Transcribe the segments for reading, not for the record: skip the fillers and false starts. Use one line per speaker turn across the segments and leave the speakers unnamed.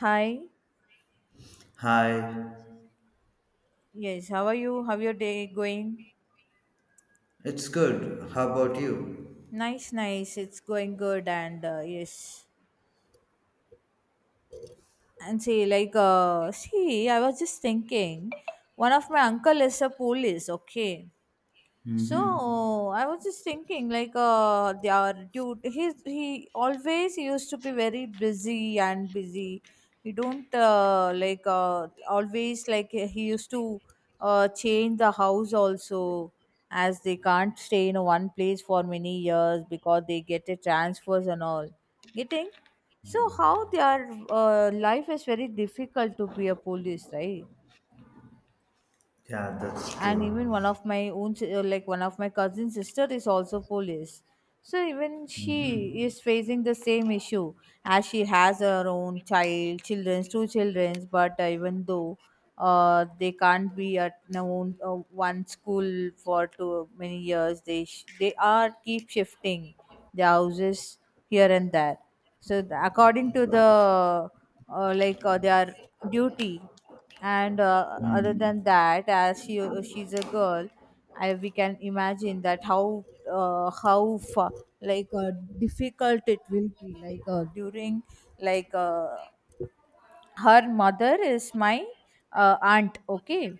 Hi.
Hi,
Yes, how are you? How your day going?
it's good. How about you?
Nice, nice. It's going good and yes. And see, like, see, I was just thinking one of my uncle is a police, okay?
Mm-hmm.
So I was just thinking, like, their dude, he always used to be very busy and busy. He don't like, always, like, he used to change the house also, as they can't stay in one place for many years because they get a transfers and all. Getting, so how their life is very difficult to be a police, right?
Yeah, that's
And even
true.
one of my own like, one of my cousin sister is also police, so even she
Mm-hmm.
is facing the same issue, as she has her own children's, two children's, but even though they can't be at no own, one school for too many years, they they are keep shifting the houses here and there, so the, according to the like, their duty. And other than that, as she, she's a girl, we can imagine that how like, difficult it will be, like, during, like, her mother is my aunt, okay,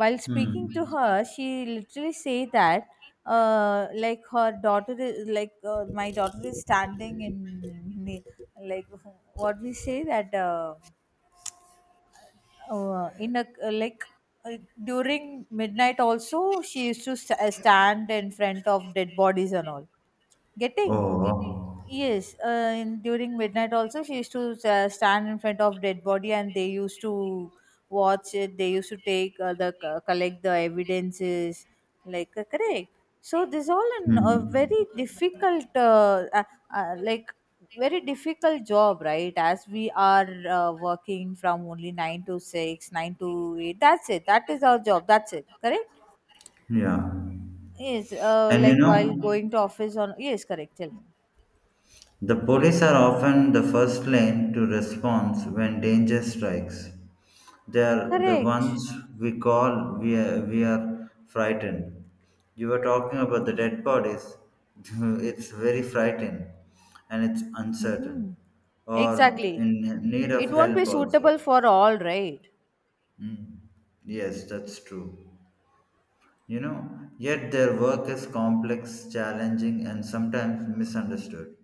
while speaking to
Mm-hmm.
her, she literally say that like, her daughter is, like, my daughter is standing in ne- like, what we say that, in a, like, uh, during midnight also, she used to stand in front of dead bodies and all, getting.
Oh.
Yes, in, during midnight also, she used to stand in front of dead body and they used to watch it. They used to take the collect the evidences, like, correct. So this all in a
Mm-hmm.
very difficult, like, very difficult job, right? As we are working from only 9 to 6, 9 to 8. That's it. That is our job. That's it. Correct.
Yeah.
Yes.
And you
Like, while
know,
going to office on. Yes. Correct. Tell me.
the police are often the first lane to respond when danger strikes. They are the
Correct.
ones we call, we are frightened. You were talking about the dead bodies. It's very frightening and it's uncertain
Mm-hmm.
or
Exactly.
in need
It
of
won't be
help
suitable
also.
for all, right?
Mm. Yes, that's true. You know, yet their work is complex, challenging, and sometimes misunderstood.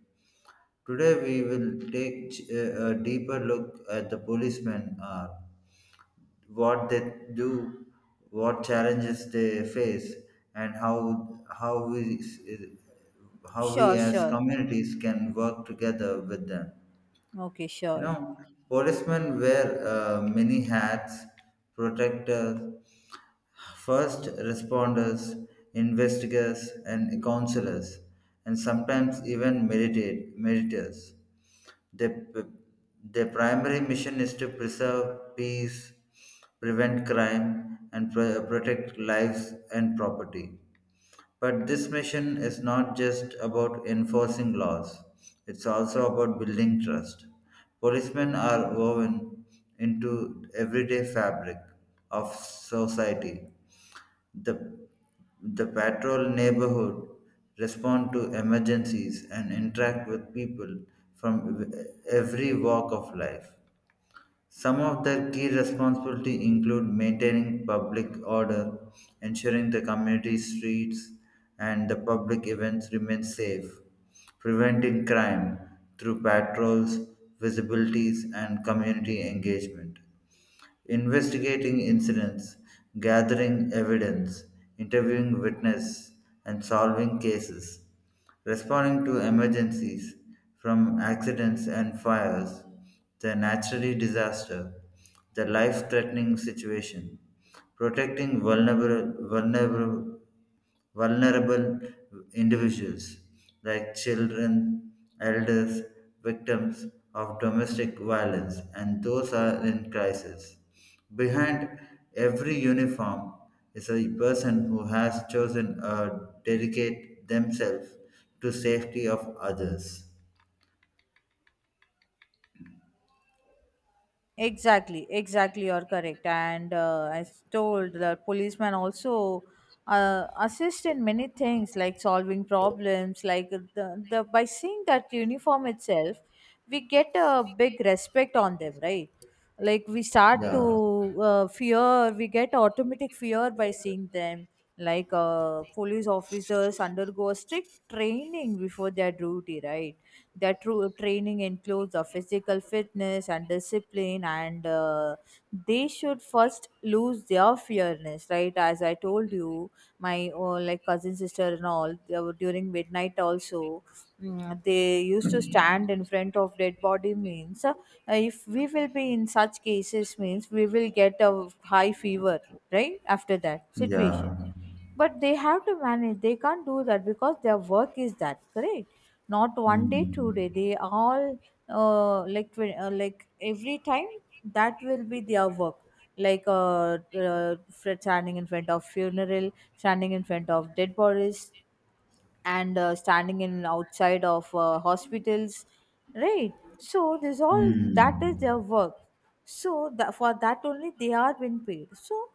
Today, we will take a deeper look at the policemen, what they do, what challenges they face, and how we how we
Sure,
as
sure.
communities can work together with them.
Okay,
You
sure.
know, policemen wear many hats: protectors, first responders, investigators, and counselors, and sometimes even meditators. The, p- the primary mission is to preserve peace, prevent crime, and protect lives and property. But this mission is not just about enforcing laws, it's also about building trust. Policemen are woven into everyday fabric of society, the, the patrol neighborhood respond to emergencies and interact with people from every walk of life. Some of their key responsibilities include maintaining public order, ensuring the community streets and the public events remain safe, preventing crime through patrols, visibilities, and community engagement, investigating incidents, gathering evidence, interviewing witnesses, and solving cases, responding to emergencies from accidents and fires, the natural disaster, the life threatening situation, protecting vulnerable individuals like children, elders, victims of domestic violence, and those are in crisis. Behind every uniform is a person who has chosen to dedicate themselves to safety of others.
Exactly, exactly, you're correct. And I told the policeman also assist in many things, like solving problems, like, the by seeing that uniform itself, we get a big respect on them, right? Like, we start to
Yeah,
fear, we get automatic fear by seeing them. Like, police officers undergo a strict training before their duty, right? Their true training includes a physical fitness and discipline, and they should first lose their fearness, right? As I told you, my like, cousin sister and all, they were during midnight also. They used to stand in front of dead body, means, if we will be in such cases means we will get a high fever right after that situation,
yeah.
but they have to manage, they can't do that because their work is that. Correct. Not one day, two
Hmm.
day, they all, like, like, every time that will be their work, like, standing in front of funeral, standing in front of dead bodies, and standing in outside of hospitals, right? So this all, that is their
Hmm.
work. So that, for that only they are being paid, so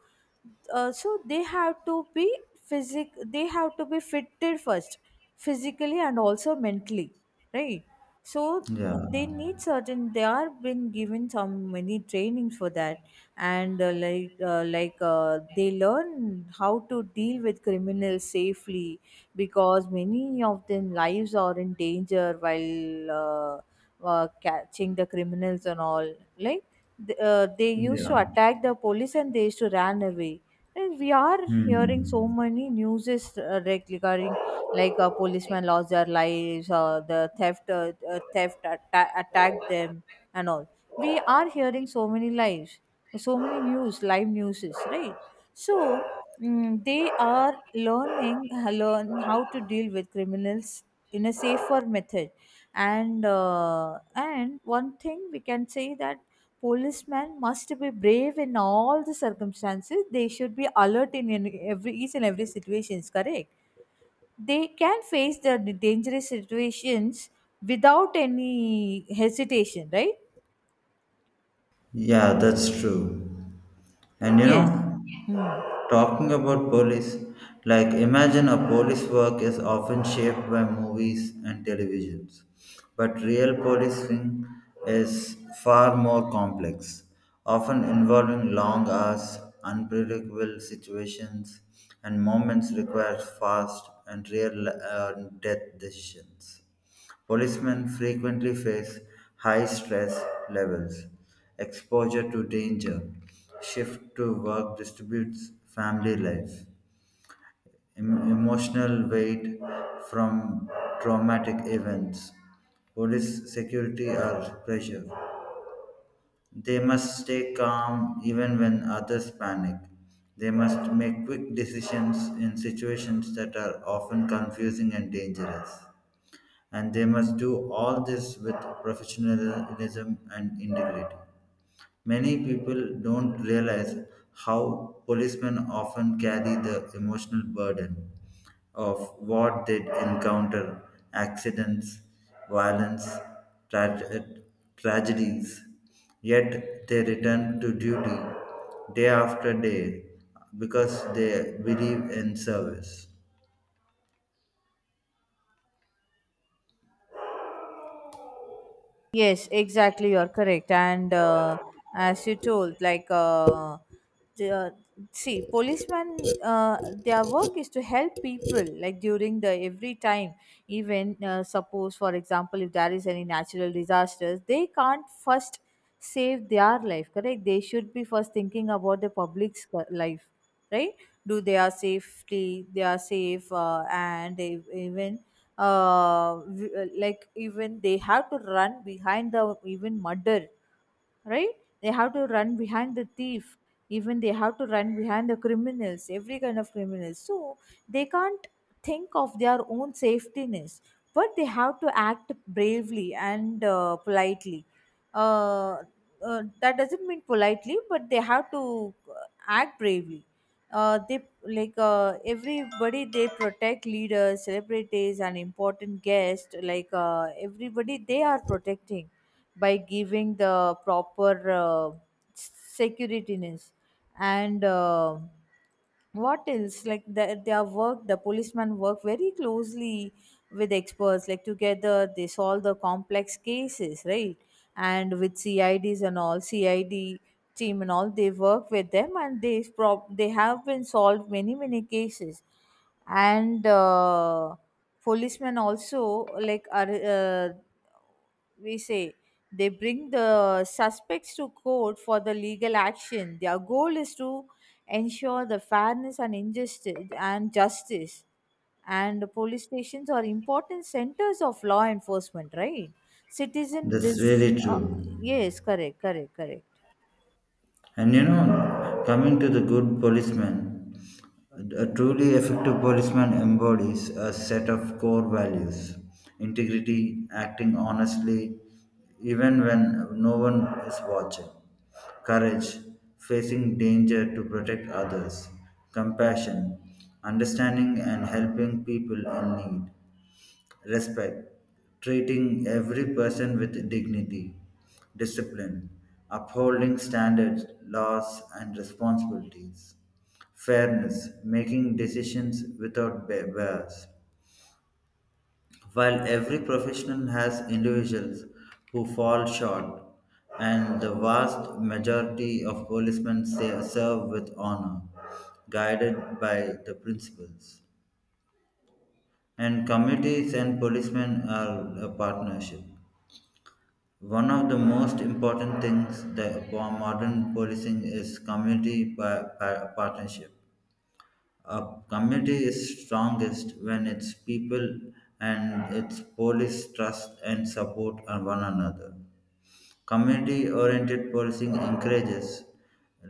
so they have to be physic they have to be fitted first, physically and also mentally, right? So
Yeah,
they need certain, they are been given some many trainings for that. And like, like, they learn how to deal with criminals safely, because many of them lives are in danger while catching the criminals and all, like, they used to
yeah.
attack the police and they used to run away. And we are hearing so
Hmm.
many news, regarding, like, a policeman lost their lives, or the theft, attacked them and all. We are hearing so many lives, so many news, live news, right? So, they are learning, learn how to deal with criminals in a safer method. And and one thing we can say, that policemen must be brave in all the circumstances, they should be alert in every each and every situation, is correct. They can face the dangerous situations without any hesitation, right?
Yeah, that's true. And you know,
Yes. Hmm.
talking about police, like imagine a police work is often shaped by movies and televisions, but real policing is far more complex, often involving long hours, unpredictable situations, and moments require fast and real death decisions. Policemen frequently face high stress levels, exposure to danger, shift to work distributes family life, emotional weight from traumatic events, police security or pressure. They must stay calm even when others panic. They must make quick decisions in situations that are often confusing and dangerous and they must do all this with professionalism and integrity. Many people don't realize how policemen often carry the emotional burden of what they encounter, accidents, violence, tra- tragedies, yet they return to duty day after day because they believe in service.
Yes, exactly. You're correct. And as you told, like, the, uh, see, policemen, uh, their work is to help people, like, during the every time, even, suppose, for example, if there is any natural disasters, they can't first save their life, correct? They should be first thinking about the public's life, right? Do they are safety, they are safe, and they, even, like, even they have to run behind the even murder, right? They have to run behind the thief, even they have to run behind the criminals, every kind of criminals, so they can't think of their own safetyness, but they have to act bravely and, politely. uh, that doesn't mean politely, but they have to act bravely. They, like, everybody, they protect leaders, celebrities and important guests, like, everybody they are protecting, by giving the proper securityness. And what else, like, the, their work, the policemen work very closely with experts, like, together they solve the complex cases, right? And with CIDs and all, CID team and all, they work with them, and they they have been solved many many cases. And policemen also, like, are, we say, they bring the suspects to court for the legal action. Their goal is to ensure the fairness and injustice and justice, and the police stations are important centers of law enforcement, right? Citizen
That's
vis,
really true.
yes, correct, correct, correct.
And you know, coming to the good policeman, a truly effective policeman embodies a set of core values: integrity, acting honestly, even when no one is watching; courage, facing danger to protect others; compassion, understanding and helping people in need. Respect, treating every person with dignity; discipline, upholding standards, laws, and responsibilities; fairness, making decisions without bias. While every profession has individuals who fall short, and the vast majority of policemen say, serve with honor, guided by the principles. And committees and policemen are a partnership. One of the most important things that for modern policing is community partnership. A community is strongest when its people and its police trust and support on one another. Community oriented policing encourages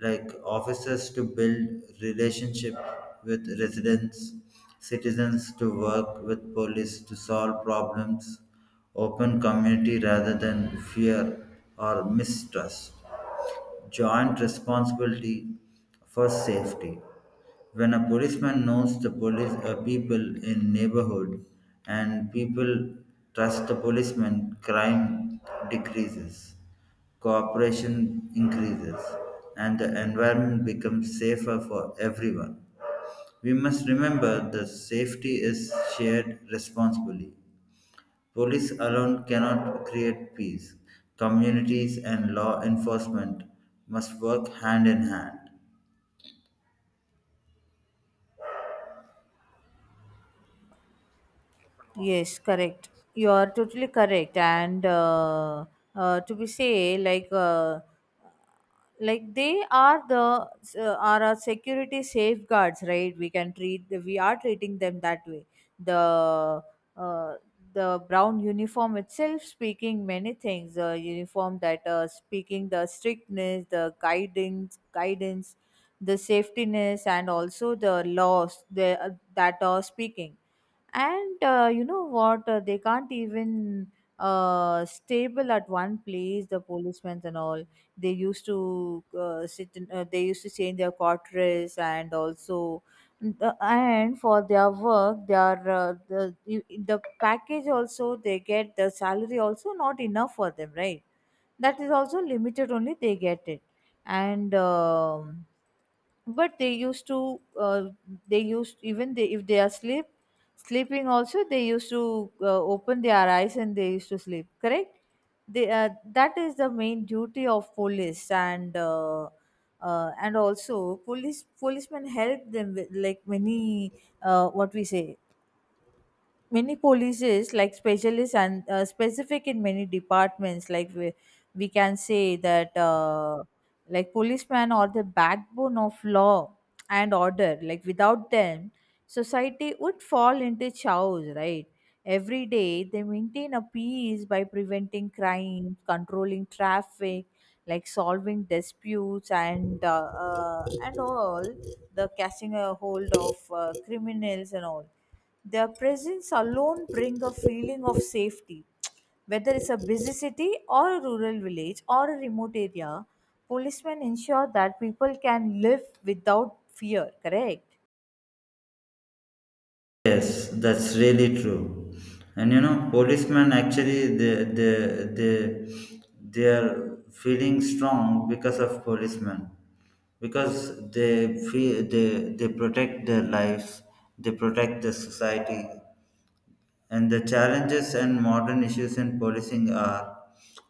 like officers to build relationship with residents, citizens to work with police to solve problems, open community rather than fear or mistrust, joint responsibility for safety. When a policeman knows the police people in neighborhood and people trust the policeman, crime decreases, cooperation increases, and the environment becomes safer for everyone. We must remember that safety is shared responsibly. Police alone cannot create peace. Communities and law enforcement must work hand in hand.
Yes, correct. You are totally correct. And to be say, like, like, they are the, are our security safeguards, right? We can treat the, we are treating them that way. The uh, the brown uniform itself speaking many things, the uniform that, speaking the strictness, the guidance, the safetiness, and also the laws, the, that are speaking. And you know what, they can't even stable at one place, the policemen and all. They used to sit in, they used to change their quarters, and also the, and for their work, their uh, the the package also, they get the salary also, not enough for them, right? That is also limited only, they get it. And but they used to they used, even they, if they are asleep sleeping also, they used to open their eyes and they used to sleep, correct. They, that is the main duty of police. And and also, policemen help them with, like, many, what we say, many policies, like specialists, and specific in many departments, like, we can say that, like, policemen are the backbone of law and order, like, without them society would fall into chaos, right? Every day they maintain a peace, by preventing crime, controlling traffic, like solving disputes, and all, the catching a hold of criminals and all. Their presence alone bring a feeling of safety, whether it's a busy city or a rural village or a remote area, policemen ensure that people can live without fear, correct.
Yes, that's really true. And you know, policemen actually they are feeling strong because of policemen, because they feel they protect their lives, they protect the society, and the challenges and modern issues in policing are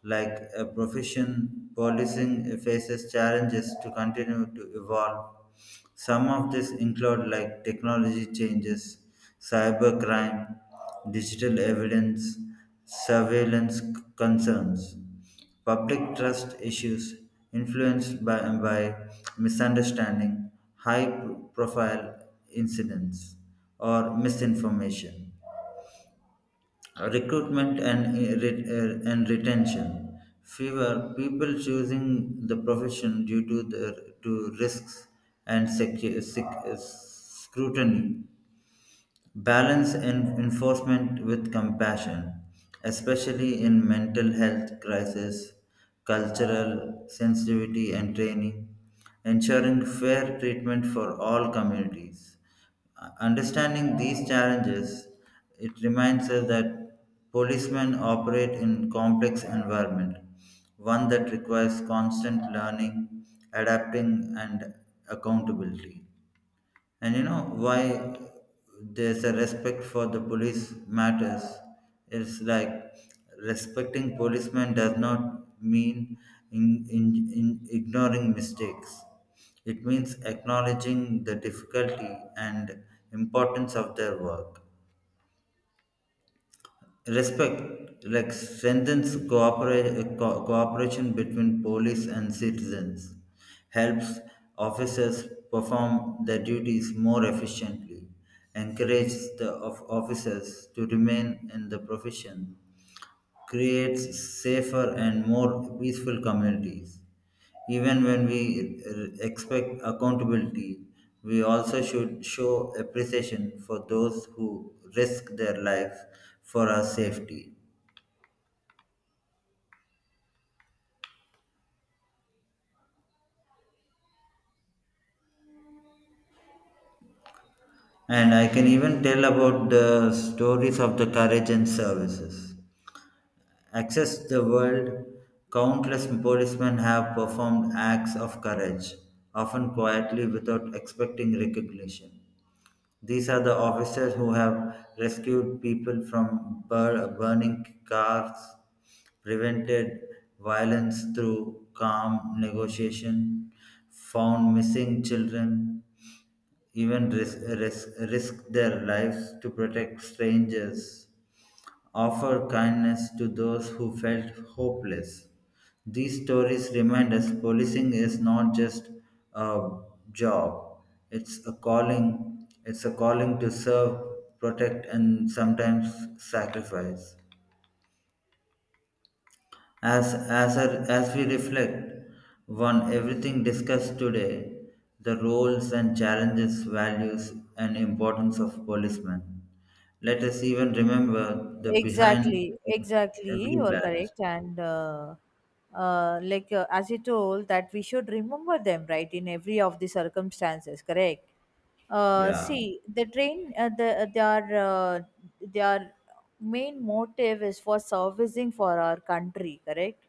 like a profession policing faces challenges to continue to evolve, some of this include like technology changes, cybercrime, digital evidence, concerns, public trust issues influenced by misunderstanding, high profile incidents or misinformation, recruitment and, and retention. Fewer people choosing the profession due to the to risks and scrutiny. Balance in enforcement with compassion, especially in mental health crisis, cultural sensitivity, and training, ensuring fair treatment for all communities. Understanding these challenges, it reminds us that policemen operate in complex environment, one that requires constant learning, adapting, and accountability. And you know why there's a respect for the police matters. It's like respecting policemen does not mean in, in, in ignoring mistakes. It means acknowledging the difficulty and importance of their work. Respect like strengthens cooperation between police and citizens, helps officers perform their duties more efficiently, encourages the officers to remain in the profession, creates safer and more peaceful communities. Even when we expect accountability, we also should show appreciation for those who risk their lives for our safety. And I can even tell about the stories of the courage and services. Across the world, countless policemen have performed acts of courage, often quietly without expecting recognition. These are the officers who have rescued people from burning cars, prevented violence through calm negotiation, found missing children, even risked their lives to protect strangers, offer kindness to those who felt hopeless. These stories remind us policing is not just a job, it's a calling to serve, protect, and sometimes sacrifice. As we reflect on everything discussed today, the roles and challenges, values, and importance of policemen, let us even remember the behind
Exactly, exactly.
every
You're
badge.
correct. And like, as you told, that we should remember them, right, in every of the circumstances, correct?
Yeah,
See, the train, the, their main motive is for servicing for our country, correct?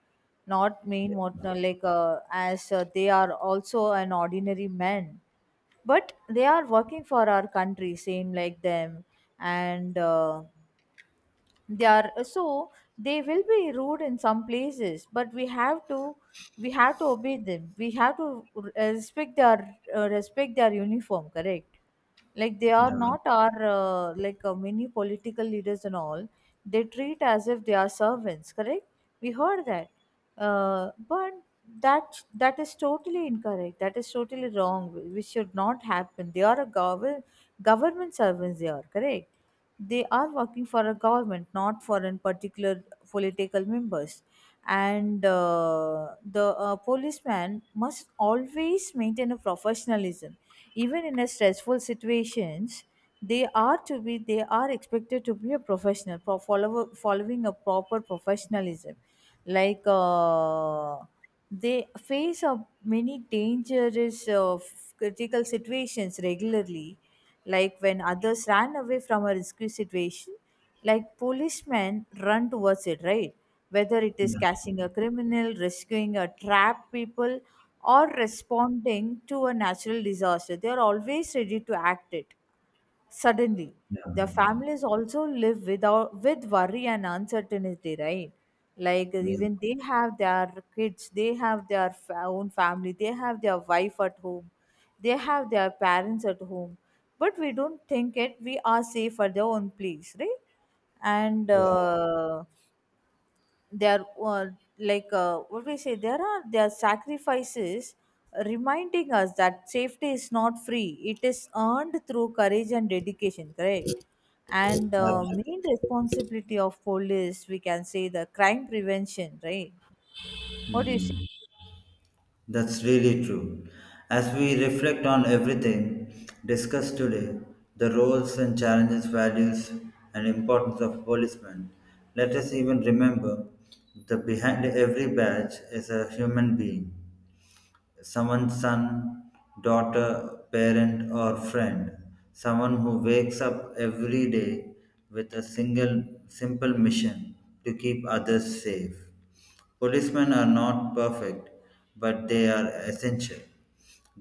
Not main
yeah,
motive, like, as, they are also an ordinary man, but they are working for our country same like them. And they are, so they will be rude in some places, but we have to obey them, we have to respect their, respect their uniform, correct. Like, they are
yeah,
not our, like, many political leaders and all, they treat as if they are servants, correct. We heard that, but that is totally incorrect, that is totally wrong, which should not happen. They are a government servants, they are, correct. They are working for a government, not for in particular political members. And the, policeman must always maintain a professionalism, even in a stressful situations. They are to be. They are expected to be a professional, follow, following a proper professionalism. Like, they face many dangerous, critical situations regularly, like when others ran away from a risky situation, like policemen run towards it, right? Whether it is
yeah,
catching a criminal, rescuing a trapped people, or responding to a natural disaster, they are always ready to act it. Suddenly,
yeah,
their
yeah,
families also live without with worry and uncertainty, right? Like
yeah,
even they have their kids, they have their own family, they have their wife at home, they have their parents at home, but we don't think it. We are safe at their own place, right? And
yeah.
their like what we say there are their sacrifices, reminding us that safety is not free, it is earned through courage and dedication, correct? And
Absolutely.
main responsibility of police, we can say, the crime prevention, right? What do you say?
That's really true. As we reflect on everything discussed today, the roles and challenges, values, and importance of policemen, let us even remember the behind every badge is a human being, someone's son, daughter, parent, or friend, someone who wakes up every day with a single simple mission to keep others safe. Policemen are not perfect, but they are essential.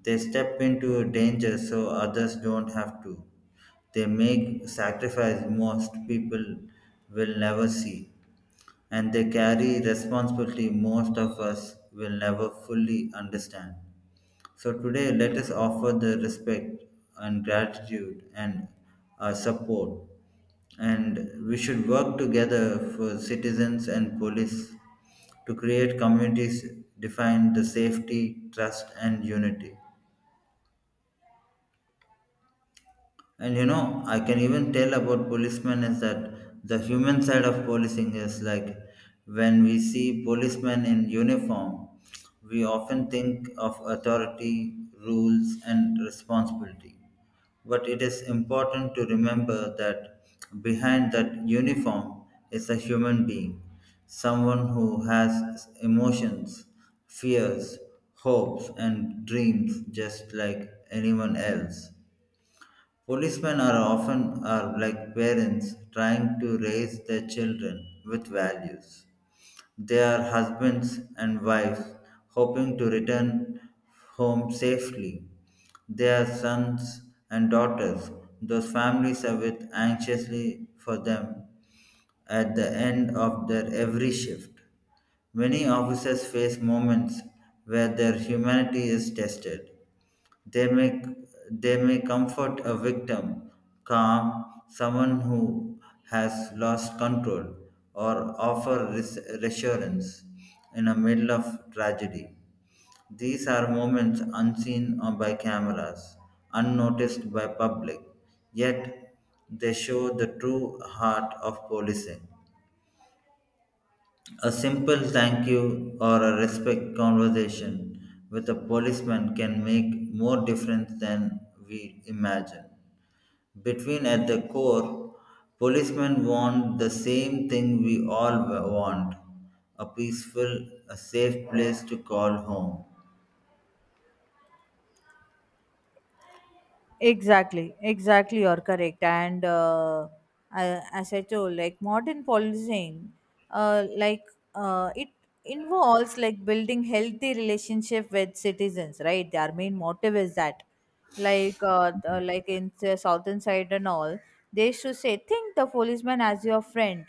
They step into danger so others don't have to. They make sacrifice most people will never see and they carry responsibility most of us will never fully understand. So, today, let us offer the respect and gratitude and our support. And we should work together for citizens and police to create communities defined the safety, trust, and unity. And you know, I can even tell about policemen is that the human side of policing is like when we see policemen in uniform, we often think of authority, rules, and responsibility. But it is important to remember that behind that uniform is a human being, someone who has emotions, fears, hopes, and dreams just like anyone else. Policemen are often are like parents trying to raise their children with values. They are husbands and wives hoping to return home safely. They are sons and daughters those families await anxiously for them at the end of their every shift. Many officers face moments where their humanity is tested. They may, they may comfort a victim, calm someone who has lost control, or offer reassurance in the middle of tragedy. These are moments unseen by cameras, unnoticed by public, yet they show the true heart of policing. A simple thank you or a respect conversation with a policeman can make more difference than we imagine. Between at the core, policemen want the same thing we all want, a peaceful, a safe place to call home.
Exactly, exactly, you're correct. And as I told, like modern policing, like it involves like building healthy relationship with citizens, right? Their main motive is that, like, like in the southern side and all, they should say, think the policeman as your friend,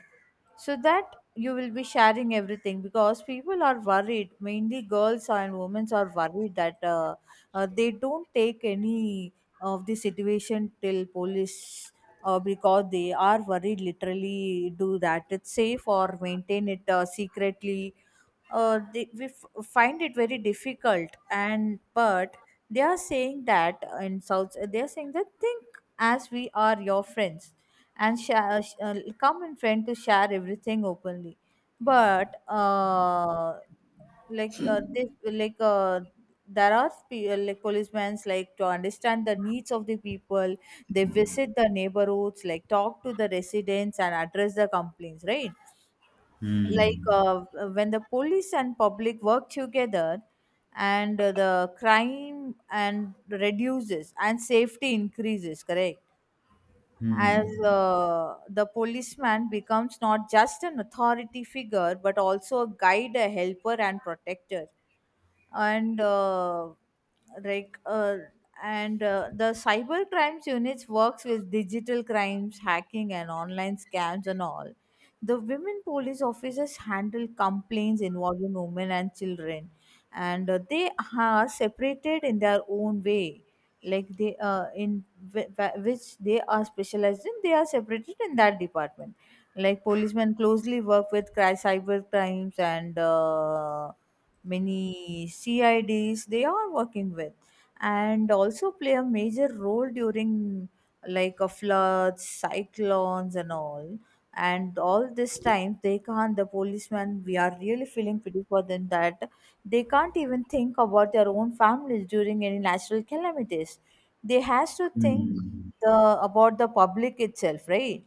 so that you will be sharing everything because people are worried, mainly girls and women are worried that they don't take any of the situation till police, because they are worried literally do that it's safe or maintain it secretly. They, find it very difficult, and but they are saying that in south they are saying that think as we are your friends and share, come in friend to share everything openly. But like this like there are like policemen like to understand the needs of the people. They visit the neighborhoods, like talk to the residents and address the complaints, right? Like
Hmm.
when the police and public work together, and the crime and reduces and safety increases, correct? As
Hmm.
the policeman becomes not just an authority figure but also a guide, a helper, and protector. And like and the cyber crimes units works with digital crimes, hacking, and online scams and all. The women police officers handle complaints involving women and children, and they are separated in their own way. Like they in which they are specialized in, they are separated in that department. Like policemen closely work with cyber crimes, and many C I Ds they are working with, and also play a major role during like a floods, cyclones, and all. And all this time, they can't. The policemen, we are really feeling pity for them that they can't even think about their own families during any natural calamities. They has to think
Hmm.
the about the public itself, right?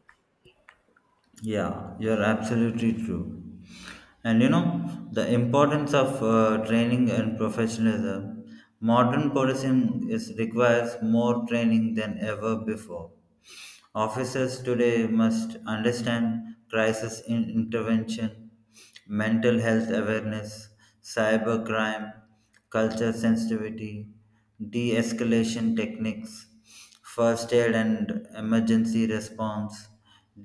Yeah, you're absolutely true. And you know, the importance of training and professionalism. Modern policing is requires more training than ever before. Officers today must understand crisis in intervention, mental health awareness, cyber crime, culture sensitivity, de escalation techniques, first aid and emergency response,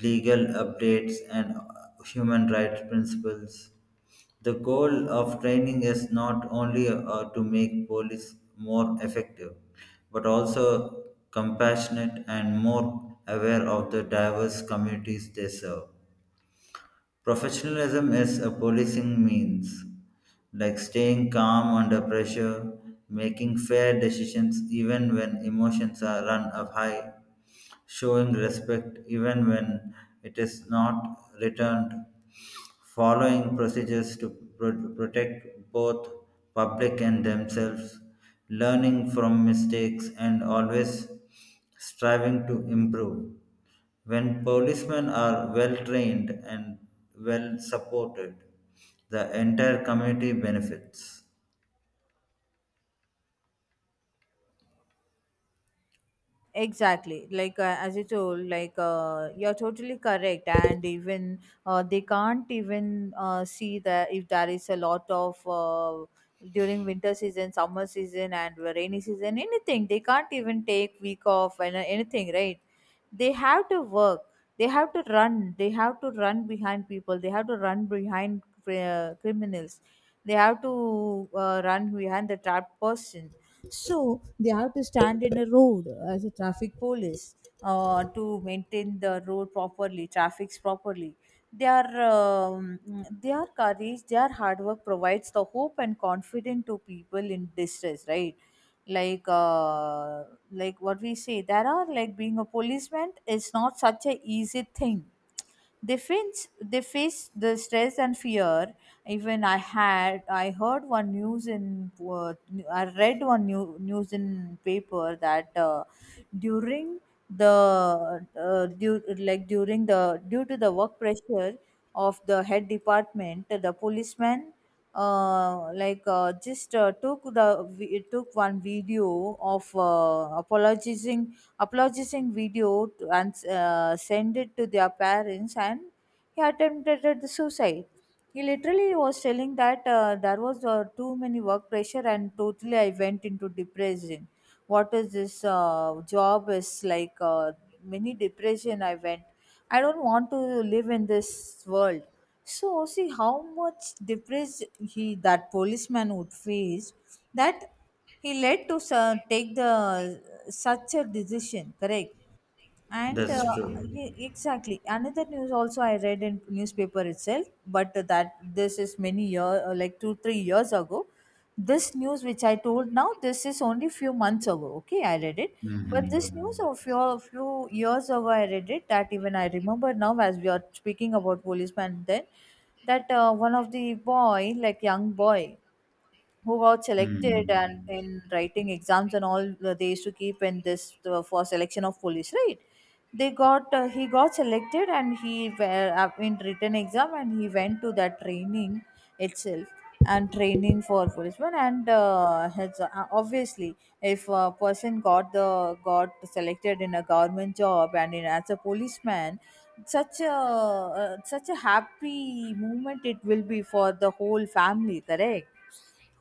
legal updates, and human rights principles. The goal of training is not only to make police more effective, but also compassionate and more aware of the diverse communities they serve. Professionalism is a policing means, like staying calm under pressure, making fair decisions even when emotions are run up high, showing respect even when it is not returned, following procedures to protect both public and themselves, learning from mistakes and always striving to improve. When policemen are well trained and well supported, the entire community benefits.
Exactly. Like, as you told, like, you're totally correct. And even they can't even see that if there is a lot of during winter season, summer season, and rainy season, anything, they can't even take week off and anything, right? They have to work, they have to run, behind people, they have to run behind criminals, they have to run behind the trapped person, so they have to stand in a road as a traffic police, to maintain the road properly, traffics properly. Their um, their courage, their hard work provides the hope and confidence to people in distress, right? Like like what we say there are, like, being a policeman is not such a easy thing. They face, the stress and fear. Even I heard one news in uh, I read one news in paper that during the due to the work pressure of the head department. The policeman, just took one video of apologizing video to, and send it to their parents, and he attempted the suicide. He literally was telling that there was too many work pressure and totally I went into depression. What is this job is like mini depression I went. I don't want to live in this world. So see how much depressed he, that policeman would face, that he led to take the such a decision, correct? And
That's true.
exactly, another news also I read in newspaper itself, but that this is many year like 2-3 years ago. This news which I told now, this is only few months ago. Okay, I read it,
Mhm.
but this news of your few years ago I read it, that even I remember now as we are speaking about policeman, then that one of the boy, like young boy who got selected, and
Hmm.
in writing exams and all they used to keep in this for selection of police, right? they got he got selected, and he were up in written exam, and he went to that training itself, and training for policeman. And obviously, if a person got selected in a government job, as a policeman, such a happy moment it will be for the whole family, correct?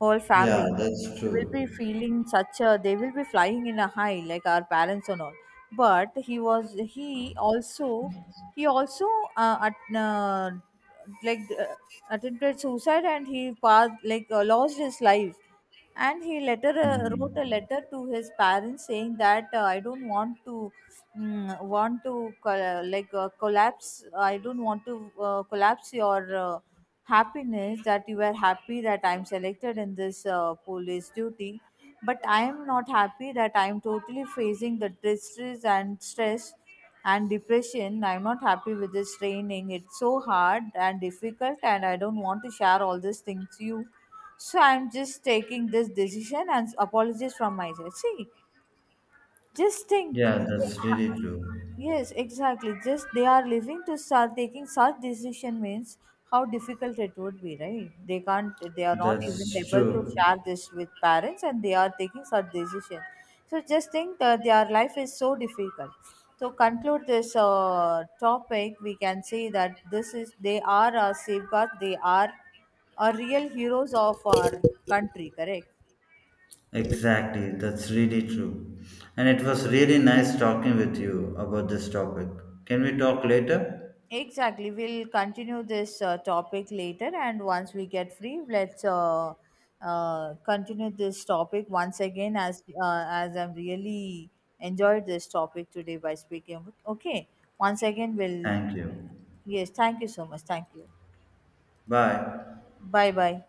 Whole
Yeah,
family.
that's
They will be
true.
feeling such a they will be flying in a high, like our parents and all. But he also at like attempted suicide, and he passed like lost his life. And he later wrote a
Hmm.
letter to his parents saying that I don't want to collapse, I don't want to collapse your happiness, that you are happy that I'm selected in this police duty. But I am not happy that I am totally facing the distress and stress and depression. I'm not happy with this training, it's so hard and difficult, and I don't want to share all these things to you. So I'm just taking this decision and apologies from my side. See, just think.
Yeah, that's really true.
Yes, exactly. Just they are living to start taking such decision means how difficult it would be, right? They can't. They are not even
That's
able to
true.
share this with parents, and they are taking such decision. So just think that their life is so difficult. To conclude this topic, we can say that this is, they are a safeguard. They are a real heroes of our country. Correct.
Exactly. That's really true. And it was really nice talking with you about this topic. Can we talk later?
Exactly. We'll continue this topic later, and once we get free, let's continue this topic once again. As I've really enjoyed this topic today by speaking. With- okay, once again, we'll.
Thank you.
Yes, thank you so much. Thank you.
Bye.
Bye bye.